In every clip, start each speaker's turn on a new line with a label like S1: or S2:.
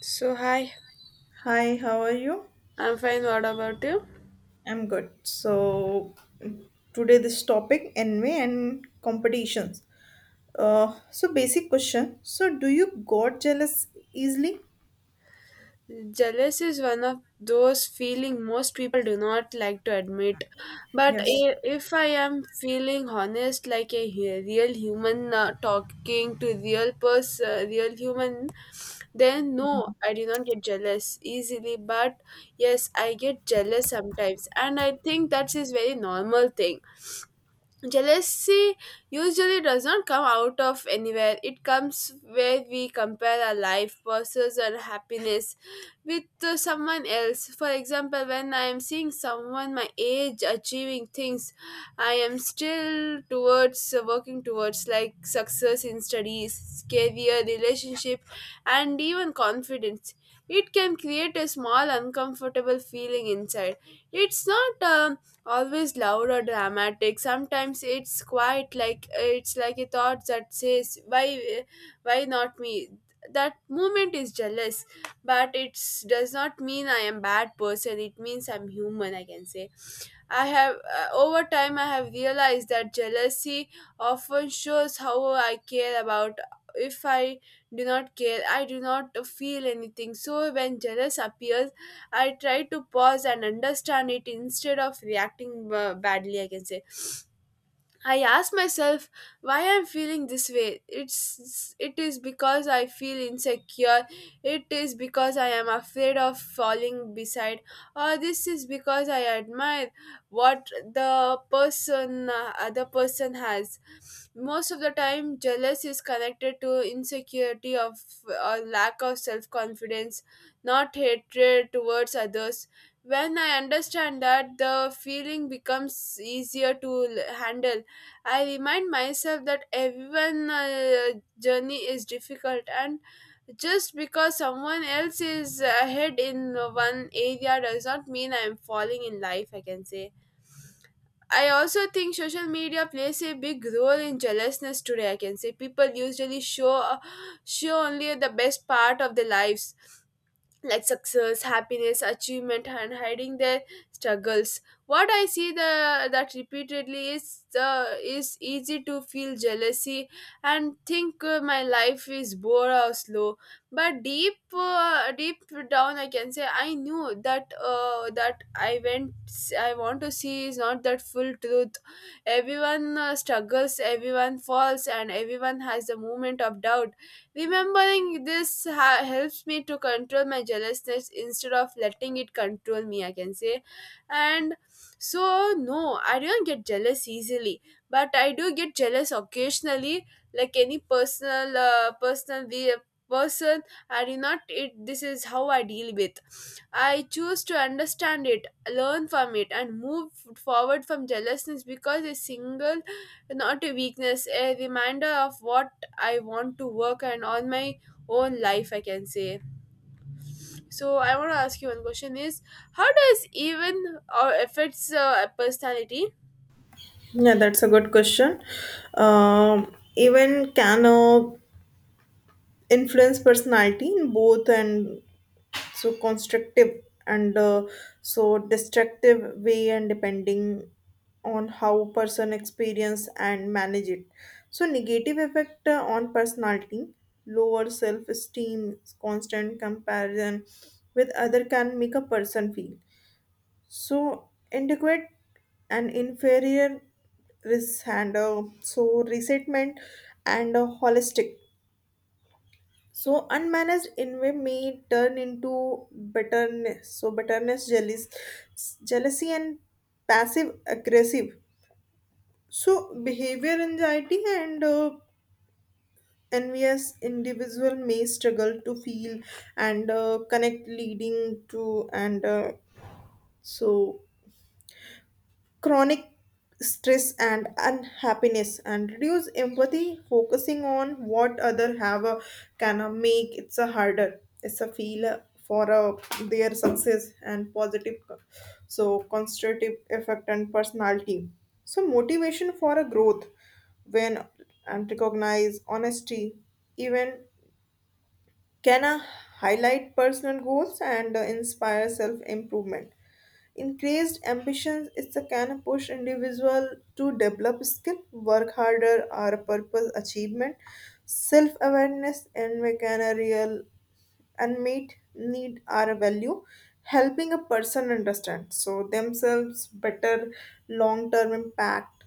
S1: So, hi,
S2: Hi, how are you?
S1: I'm fine. What about you?
S2: I'm good. So today this topic envy and competitions. So basic question. So do you got jealous easily?
S1: Jealous is one of those feeling most people do not like to admit. But
S2: Yes.
S1: if I am feeling honest, like a real human, talking to real person, real human, then no, I do not get jealous easily. But yes, I get jealous sometimes, and I think that is very normal thing. Jealousy usually does not come out of anywhere. It comes where we compare our life, pursuits, and happiness with someone else. For example, when I am seeing someone my age achieving things, I am still towards working towards like success in studies, career, relationship, and even confidence. It can create a small uncomfortable feeling inside. It's not. Always loud or dramatic, sometimes it's quite like, it's like a thought that says why, not me. That moment is jealous, but it does not mean I am bad person. It means I'm human, I can say. I have, over time I have realized that jealousy often shows how I care about. If I do not care, I do not feel anything. So when jealous appears, I try to pause and understand it instead of reacting badly, I can say. I ask myself why I'm feeling this way. It is because I feel insecure. It is because I am afraid of falling beside. Or this is because I admire what the person, other person has. Most of the time, jealous is connected to insecurity of or lack of self confidence, not hatred towards others. When I understand that, the feeling becomes easier to handle. I remind myself that everyone's, journey is difficult, and just because someone else is ahead in one area does not mean I am falling in life, I can say. I also think social media plays a big role in jealousness today, I can say. People usually show, only the best part of their lives, like success, happiness, achievement, and hiding their struggles. What I see the that repeatedly is the is easy to feel jealousy and think, my life is bored or slow. But deep, down, I can say I knew that, that I went, I want to see, is not that full truth. Everyone, struggles, everyone falls, and everyone has the moment of doubt. Remembering this helps me to control my jealousness instead of letting it control me, I can say. And so, no, I don't get jealous easily, but I do get jealous occasionally, like any personal, personal we person. I do not, it, this is how I deal with. I choose to understand it, learn from it, and move forward from jealousness because a single, not a weakness, a reminder of what I want to work and on my own life, I can say. So I want to ask you one question is, how does even or affects personality?
S2: Yeah, that's a good question. Even can influence personality in both and so constructive and so destructive way and depending on how person experience and manage it, so negative effect on personality, lower self esteem, constant comparison with other can make a person feel so inadequate and inferior, risk and so resentment and holistic, so unmanaged envy may turn into bitterness. So bitterness, jealous, jealousy, and passive aggressive. So behavior, anxiety, and envious individual may struggle to feel and connect, leading to and so chronic stress and unhappiness and reduce empathy, focusing on what other have a, can make it's a harder, it's a feel for their success. And positive so constructive effect and personality, so motivation for a growth when and recognize honesty, even can I highlight personal goals and inspire self improvement? Increased ambitions is the can push individual to develop skill, work harder, or purpose achievement, self awareness, and make an a real unmet need or value, helping a person understand so themselves better, long term impact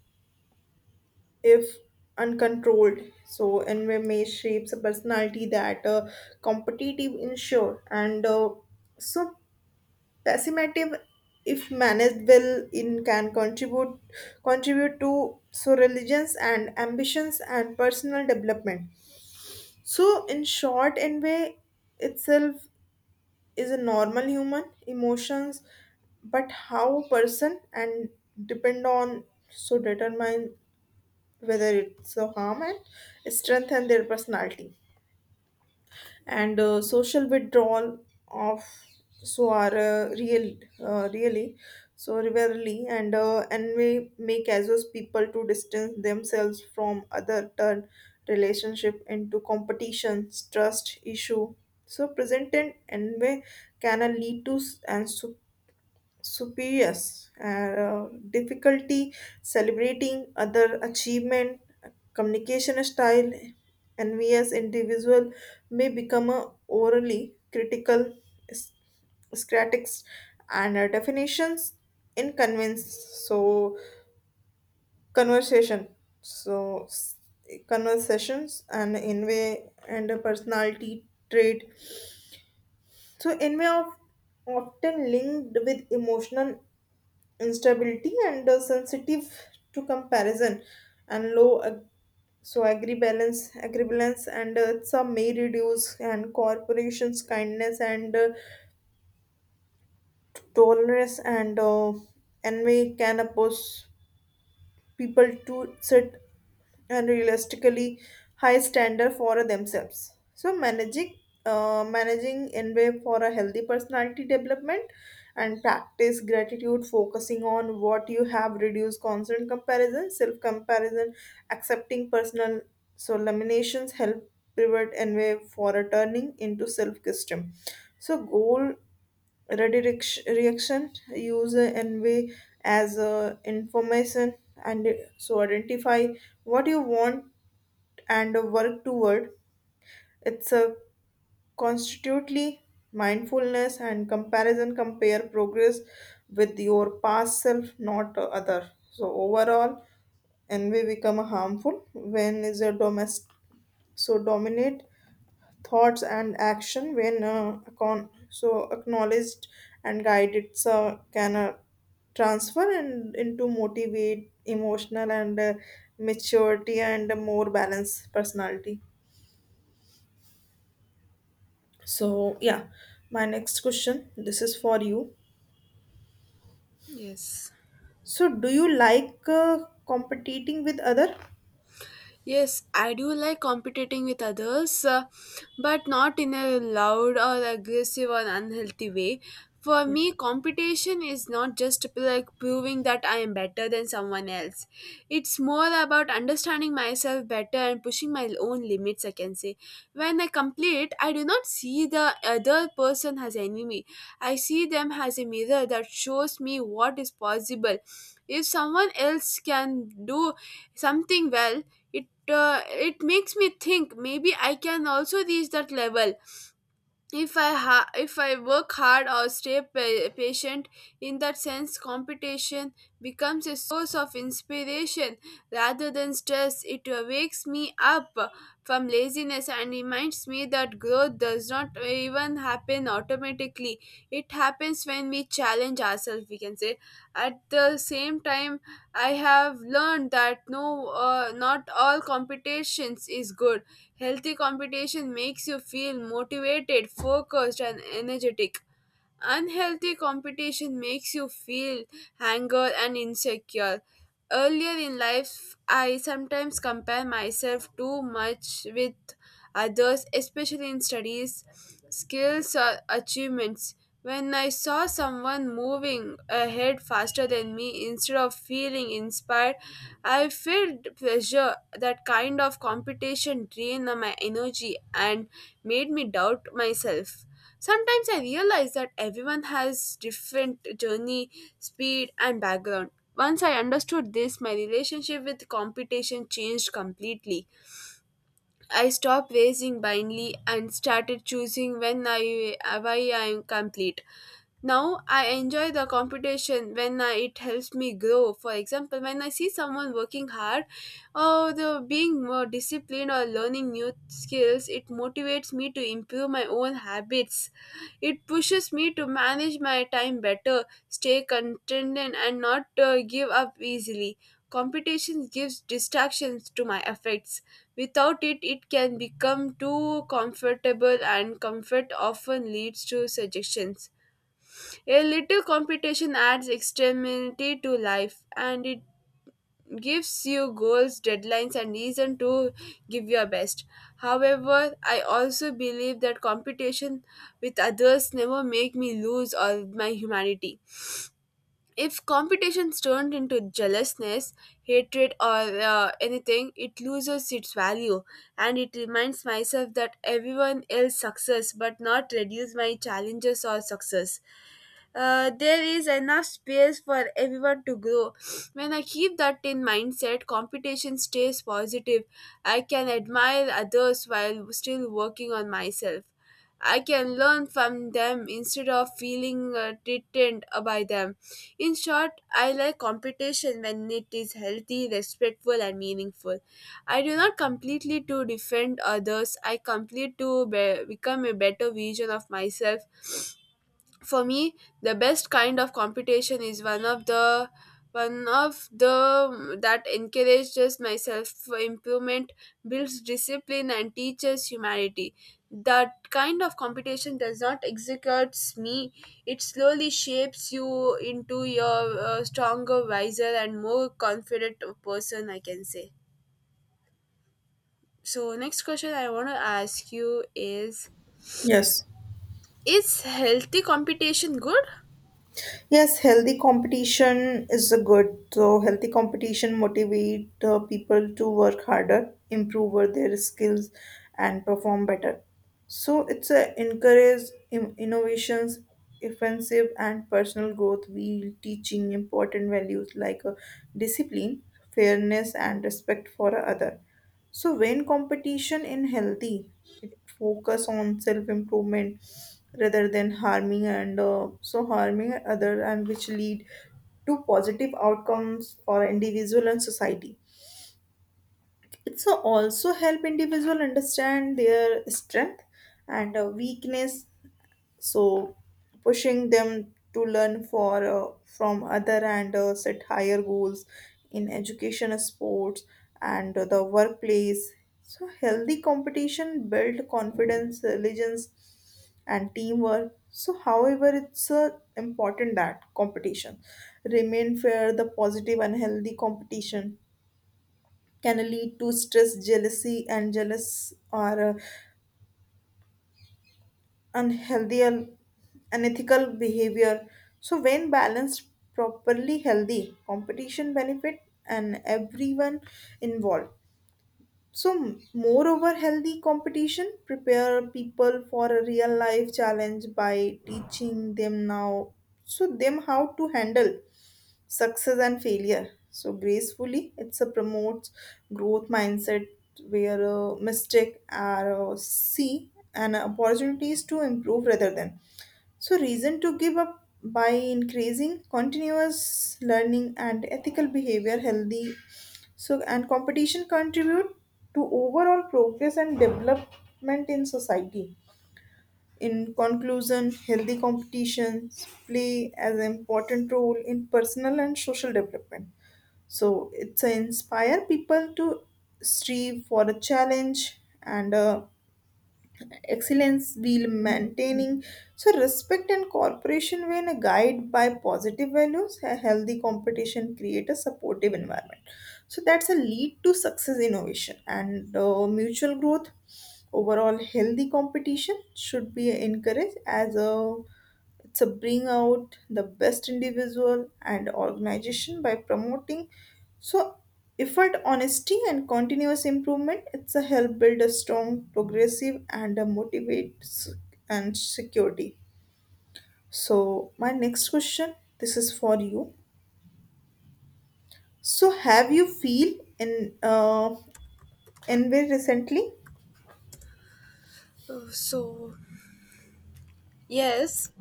S2: if uncontrolled. So environment shapes a personality that competitive ensure and so pessimistic, if managed well in can contribute to so religions and ambitions and personal development. So in short, envy itself is a normal human emotions, but how person and depend on so determine whether it's so harm and strengthen their personality and social withdrawal of so are real really so rarely and may causes people to distance themselves from other, turn relationship into competition, trust issue, so present and envy can lead to and so superiors difficulty celebrating other achievement, communication style, envious individual may become a orally critical s- scratics and definitions in convince so conversation, so conversations and in way and a personality trait, so envy of often linked with emotional instability and sensitive to comparison and low so agree balance agreeance, and some may reduce and corporations, kindness, and tolerance, and envy can oppose people to set and realistically high standard for themselves. So managing managing envy for a healthy personality development and practice gratitude, focusing on what you have reduce constant comparison, self comparison, accepting personal so laminations help prevent envy for a turning into self-custom, so goal, reaction user envy as a information and so identify what you want and work toward it's a constitutely mindfulness and comparison, compare progress with your past self, not other. So overall envy become harmful when is a domestic, so dominate thoughts and action when so acknowledged and guided, so can transfer and into motivate emotional and maturity and a more balanced personality. So yeah, my next question, this is for you.
S1: Yes.
S2: So do you like competing with other?
S1: Yes, I do like competing with others, but not in a loud or aggressive or unhealthy way. For me, competition is not just like proving that I am better than someone else. It's more about understanding myself better and pushing my own limits, I can say. When I complete, I do not see the other person as enemy. I see them as a mirror that shows me what is possible. If someone else can do something well, it makes me think maybe I can also reach that level if if I work hard or stay patient. In that sense, competition becomes a source of inspiration rather than stress. It wakes me up from laziness and reminds me that growth does not even happen automatically. It happens when we challenge ourselves, we can say. At the same time, I have learned that no, not all competitions is good. Healthy competition makes you feel motivated, focused, and energetic. Unhealthy competition makes you feel anger and insecure. Earlier in life, I sometimes compare myself too much with others, especially in studies, skills, or achievements. When I saw someone moving ahead faster than me, instead of feeling inspired, I felt pressure. That kind of competition drained my energy and made me doubt myself. Sometimes I realize that everyone has different journey, speed, and background. Once I understood this, my relationship with competition changed completely. I stopped racing blindly and started choosing when I, why I am complete. Now I enjoy the competition when I, it helps me grow. For example, when I see someone working hard or the being more disciplined or learning new skills, it motivates me to improve my own habits. It pushes me to manage my time better, stay contented, and not, give up easily. Competition gives distractions to my effects. Without it, it can become too comfortable, and comfort often leads to suggestions. A little competition adds extremity to life, and it gives you goals, deadlines, and reason to give your best. However, I also believe that competition with others never make me lose all my humanity. If competitions turned into jealousness, hatred, or anything, it loses its value, and it reminds myself that everyone else success, but not reduce my challenges or success. There is enough space for everyone to grow. When I keep that in mindset, competition stays positive. I can admire others while still working on myself. I can learn from them instead of feeling threatened by them. In short, I like competition when it is healthy, respectful, and meaningful. I do not completely to defend others. I complete to become a better version of myself. For me, the best kind of competition is one of the that encourages myself for improvement, builds discipline, and teaches humanity. That kind of competition does not executes me, it slowly shapes you into your, stronger, wiser, and more confident person, I can say. So next question I want to ask you is
S2: Yes.
S1: is healthy competition good?
S2: Yes, healthy competition is a good. So healthy competition motivate people to work harder, improve their skills, and perform better. So it's a encourage innovations, offensive and personal growth. We teaching important values like discipline, fairness, and respect for other. So when competition in healthy, it focus on self improvement rather than harming and so harming other, and which lead to positive outcomes for individual and society. It's a- also help individual understand their strength and weakness, so pushing them to learn for from other and set higher goals in education, sports, and the workplace. So healthy competition build confidence, religions, and teamwork. So however, it's important that competition remain fair. The positive and healthy competition can lead to stress, jealousy, and jealous or unhealthy and unethical behavior. So when balanced properly, healthy competition benefit and everyone involved. So, moreover, healthy competition prepare people for a real life challenge by teaching them now, so them how to handle success and failure so gracefully. It's a promotes growth mindset where a mistake are see and opportunities to improve rather than so reason to give up. By increasing continuous learning and ethical behavior, healthy so and competition contribute to overall progress and development in society. In conclusion, healthy competitions play as an important role in personal and social development. So it's a inspire people to strive for a challenge and a excellence while maintaining so respect and cooperation. When a guide by positive values, a healthy competition create a supportive environment, so that's a lead to success, innovation, and mutual growth. Overall, healthy competition should be encouraged as a to bring out the best individual and organization by promoting so effort, honesty, and continuous improvement. It's a help build a strong, progressive, and a motivate and security. So my next question, this is for you. So have you feel in envy recently?
S1: Uh, so yes.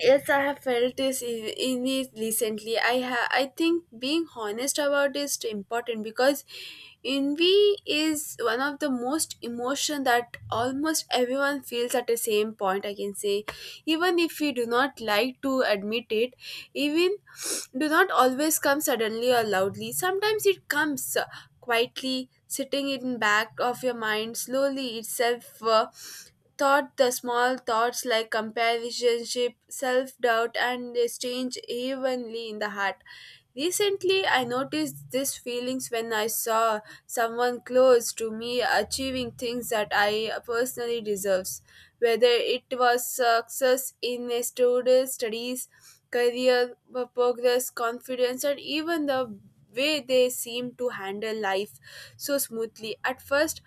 S1: Yes, I have felt this in it recently. I think being honest about is important because envy is one of the most emotion that almost everyone feels at the same point, I can say, even if we do not like to admit it. Even do not always come suddenly or loudly. Sometimes it comes, quietly, sitting in back of your mind slowly itself. Uh, Thought the small thoughts like companionship, self doubt, and they strange evenly in the heart. Recently, I noticed these feelings when I saw someone close to me achieving things that I personally deserves, whether it was success in a studies, career progress, confidence, and even the way they seem to handle life so smoothly. At first,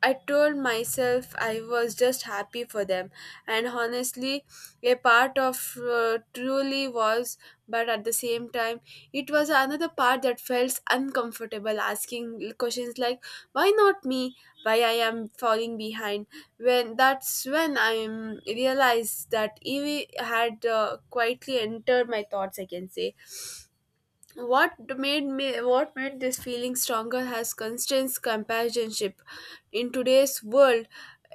S1: I told myself I was just happy for them, and honestly, a part of, truly was, but at the same time, it was another part that felt uncomfortable asking questions like, why not me? Why I am falling behind? When that's when I realized that Evie had, quietly entered my thoughts, I can say. What made me what made this feeling stronger has constant companionship in today's world,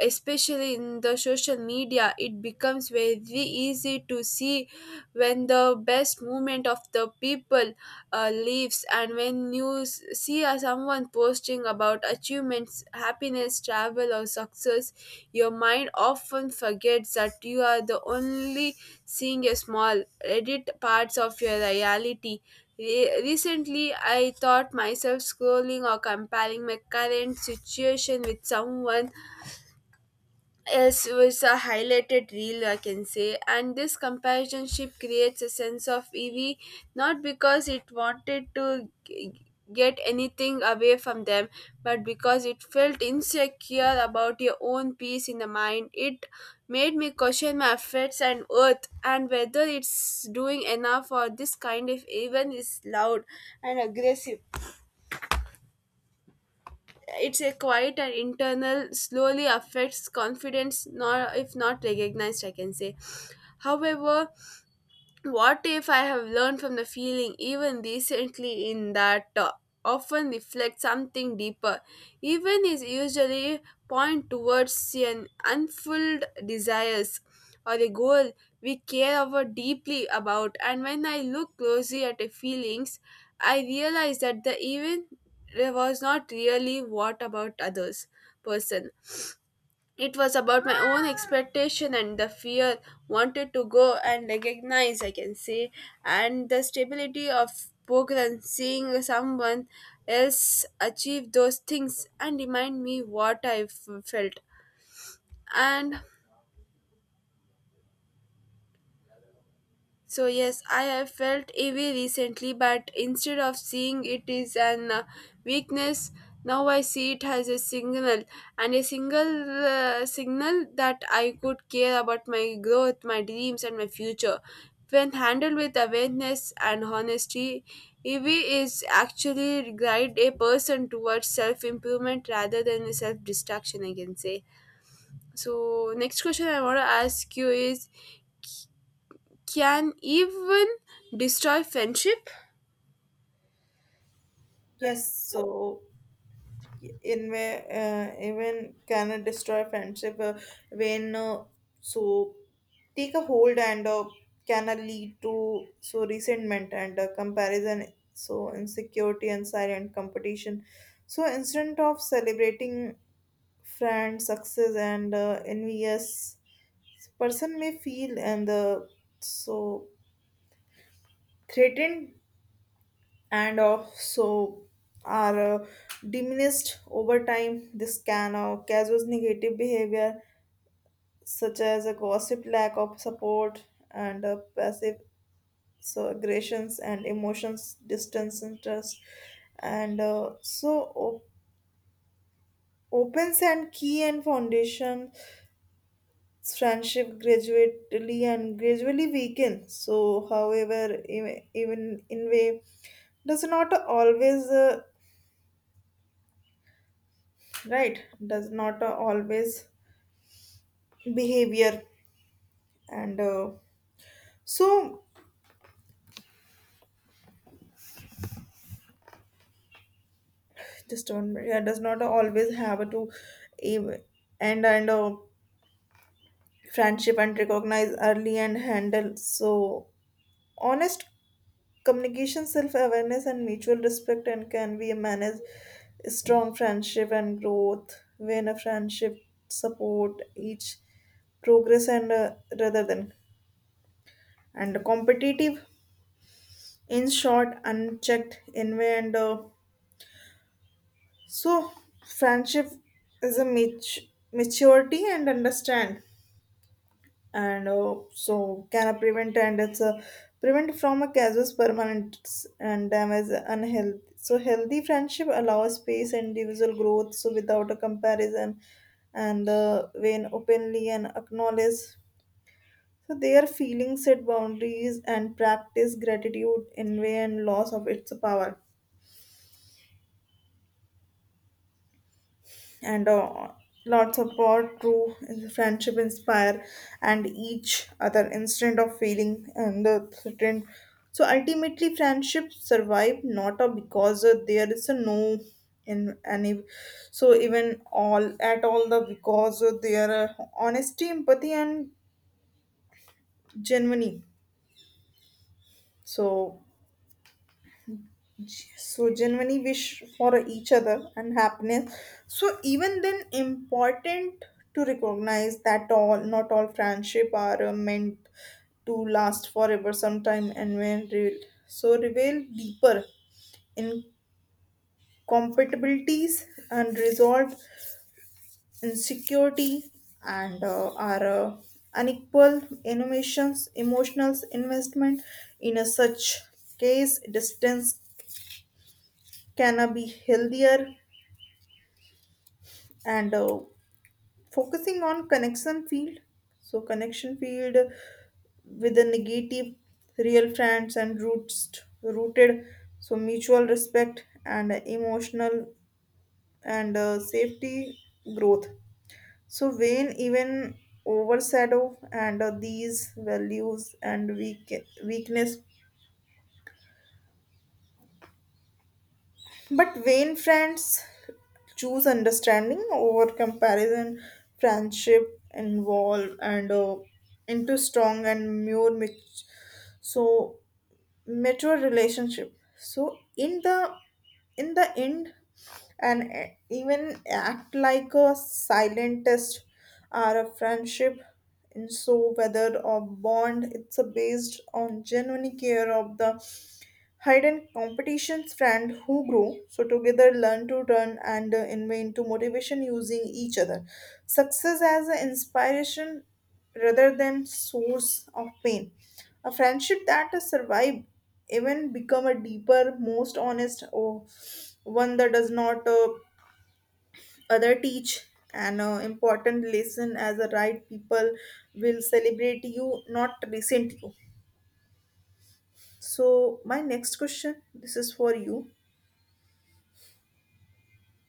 S1: especially in the social media. It becomes very easy to see when the best movement of the people, leaves, and when you see, someone posting about achievements, happiness, travel, or success, your mind often forgets that you are the only seeing a small edit parts of your reality. Recently, I thought myself scrolling or comparing my current situation with someone. Yes, it was a highlighted reel, I can say. And this companionship creates a sense of EV, not because it wanted to get anything away from them, but because it felt insecure about your own peace in the mind. It made me question my efforts and worth, and whether it's doing enough for this kind of even is loud and aggressive. It's a quiet and internal, slowly affects confidence, nor if not recognized, I can say. However, what if I have learned from the feeling even recently in that, often reflects something deeper? Even is usually point towards an unfulfilled desires or a goal we care about deeply about. And when I look closely at the feelings, I realize that the event was not really what about others person. It was about my own expectation and the fear wanted to go and recognize, I can say, and the stability of program seeing someone else achieve those things and remind me what I felt. And so yes, I have felt heavy recently, but instead of seeing it is an, weakness, now I see it as a signal and a single, signal that I could care about my growth, my dreams, and my future. When handled with awareness and honesty, EV is actually guide a person towards self improvement rather than self destruction, I can say. So next question I want to ask you is, can even destroy friendship?
S2: Yes. So in where even can destroy friendship when so take a hold and can lead to so resentment and comparison, so insecurity and silent competition, so instead of celebrating friend success and envious person may feel and so threatened and also are diminished over time. This can cause negative behavior such as a gossip, lack of support, and passive so aggressions and emotions, distance, interest, and so opens and key and foundation friendship gradually weaken. So however, even in way does not always. Right does not always behavior and so just don't, yeah, does not always have to ev- end and friendship and recognize early and handle so honest communication, self-awareness, and mutual respect and can be manage strong friendship and growth when a friendship support each progress and rather than and competitive. In short, unchecked envy and so friendship is a maturity and understand, and so can I prevent and it's a prevent from a casual permanent and damage unhealthy. So healthy friendship allows space and individual growth. So without a comparison, and when openly and acknowledge so their feelings, set boundaries and practice gratitude, envy and loss of its power and lots of power through friendship inspire and each other instead of feeling and the threatened. So ultimately friendships survive not because there is a no in any so even all at all the because their honesty, empathy, and genuinely so genuinely wish for each other and happiness. So even then important to recognize that all not all friendship are meant to last forever. Sometime and when so reveal deeper incompatibilities and resolve insecurity and are unequal innovations emotional investment. In a such case, distance can be healthier and focusing on connection field, connection field with the negative real friends and roots rooted so mutual respect and emotional and safety growth. So when even overshadow and these values and weak, weakness. But vain friends choose understanding over comparison. Friendship involve and into strong and more so mature relationship. So in the end, and even act like a silent test or a friendship. And so whether a bond, it's a based on genuine care of the Hayden competition's friend who grew, so together learn to run and invent to motivation using each other. Success as an inspiration rather than source of pain. A friendship that has survived even become a deeper, most honest, or one that does not other teach. An important lesson as a right people will celebrate you, not resent you. So my next question, this is for you.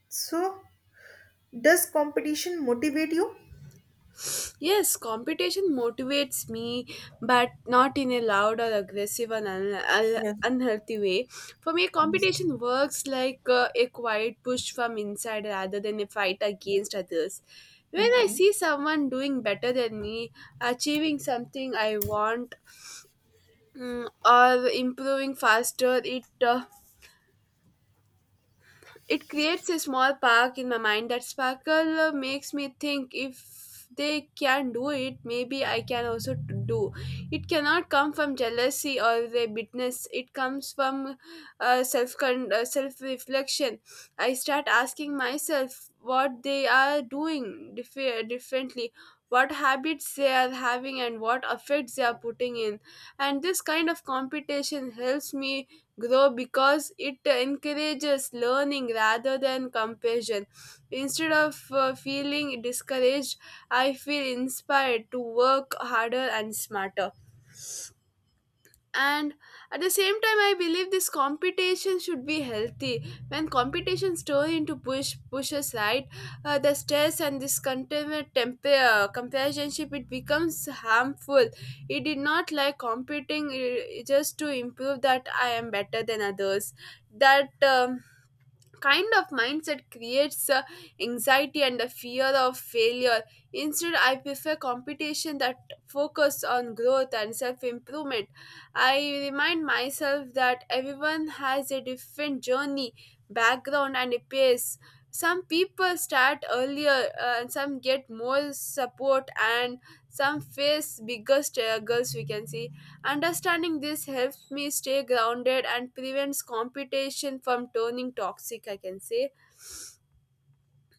S2: So does competition motivate you?
S1: Yes, competition motivates me, but not in a loud or aggressive and
S2: Yes.
S1: unhealthy way. For me,
S2: Yes.
S1: competition works like, a quiet push from inside rather than a fight against others. When I
S2: Mhm.
S1: see someone doing better than me, achieving something I want, mm, or improving faster, it creates a small park in my mind that sparkle, makes me think if they can do it, maybe I can also do. It cannot come from jealousy or the bitterness. It comes from, self reflection. I start asking myself what they are doing differently, what habits they are having, and what effects they are putting in. And this kind of competition helps me grow because it encourages learning rather than comparison. Instead of, feeling discouraged, I feel inspired to work harder and smarter. And at the same time, I believe this competition should be healthy. When competitions turn into push pushes right, the stress and this continued temper, companionship, it becomes harmful. It did not like competing, just to improve that I am better than others. That kind of mindset creates, anxiety and the fear of failure. Instead, I prefer competition that focus on growth and self improvement. I remind myself that everyone has a different journey, background, and a pace. Some people start earlier, and some get more support, and some face bigger struggles, we can see. Understanding this helps me stay grounded and prevents competition from turning toxic, I can say.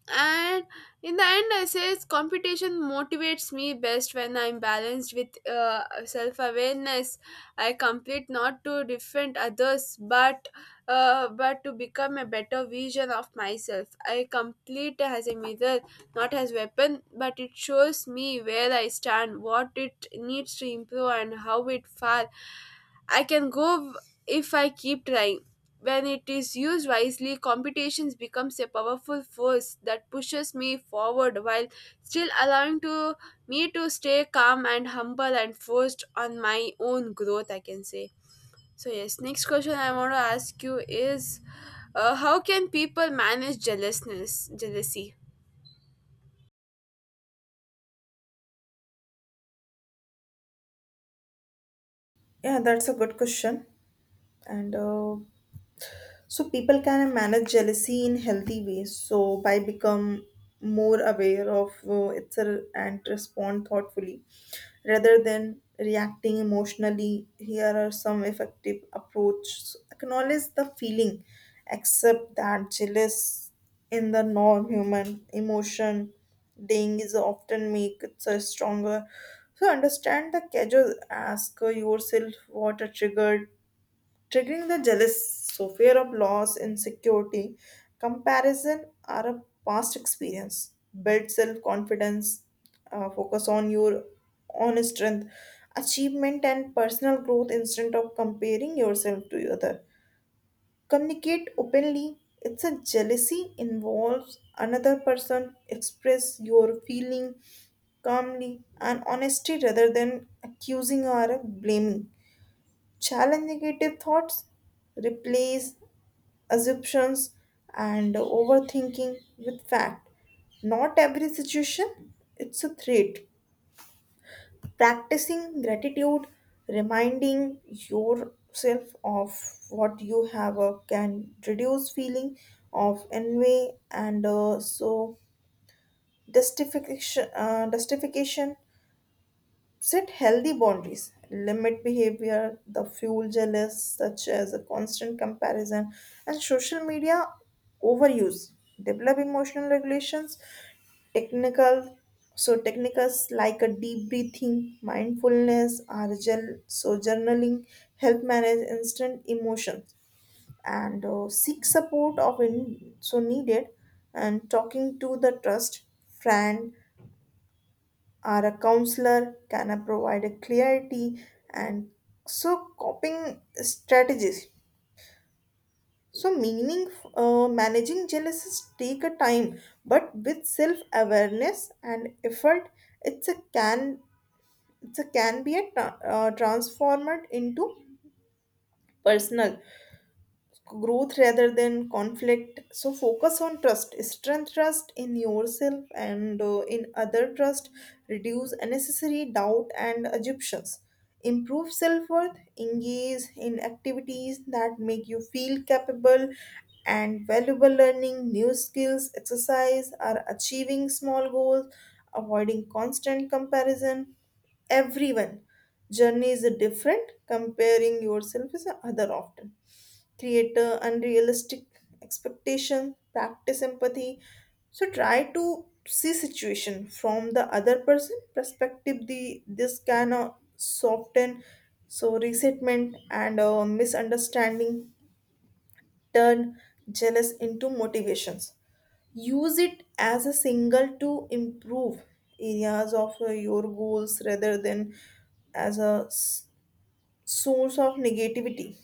S1: And in the end, I say it's competition motivates me best when I'm balanced with, self awareness. I complete not to defend others, but but to become a better vision of myself. I complete as a mirror, not as weapon, but it shows me where I stand, what it needs to improve, and how it far I can go if I keep trying. When it is used wisely, competitions becomes a powerful force that pushes me forward while still allowing to me to stay calm and humble and forced on my own growth, I can say. So yes, next question I want to ask you is, how can people manage jealousness, jealousy?
S2: Yeah, that's a good question. And so people can manage jealousy in healthy ways, so by become more aware of itself and respond thoughtfully rather than reacting emotionally. Here are some effective approaches. Acknowledge the feeling. Accept that jealous in the norm human emotion. Ding is often make it so stronger, so understand the casual. Ask yourself what a triggering the jealous. So fear of loss, insecurity, comparison are a past experience. Build self confidence, focus on your own strength, achievement, and personal growth instead of comparing yourself to other. Communicate openly. It's a jealousy involves another person. Express your feeling calmly and honesty rather than accusing or blaming. Challenge negative thoughts, replace assumptions and overthinking with fact. Not every situation, it's a threat. Practicing gratitude, reminding yourself of what you have can reduce feeling of envy and so justification, justification. Set healthy boundaries. Limit behavior, the fuel jealous, such as a constant comparison and social media overuse. Develop emotional regulations, technical so techniques like a deep breathing, mindfulness, RGL, so journaling, help manage instant emotions, and seek support of in so needed, and talking to the trust friend or a counselor can provide a clarity and so coping strategies. So meaning managing jealousy take a time, but with self awareness and effort, it's a can it's a can be a transformed into personal growth rather than conflict. So focus on trust strength, trust in yourself and in other. Trust reduce unnecessary doubt and assumptions, improve self-worth, engage in activities that make you feel capable and valuable, learning new skills, exercise, or achieving small goals. Avoiding constant comparison, everyone journey is different, comparing yourself is other often create a unrealistic expectation. Practice empathy, so try to see situation from the other person perspective. The this can soften so resentment and misunderstanding, turn jealous into motivations, use it as a single to improve areas of your goals rather than as a source of negativity.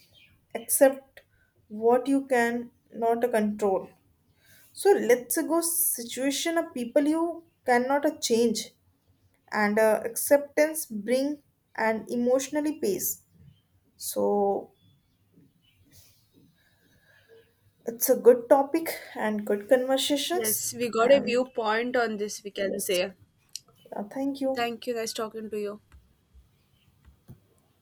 S2: Accept what you can not control. So let's go situation of people you cannot change, and acceptance bring and emotionally pace. So it's a good topic and good conversations.
S1: Yes, we got a
S2: And
S1: viewpoint on this, we can
S2: yes.
S1: say.
S2: Yeah, thank you.
S1: Thank you, nice talking to you.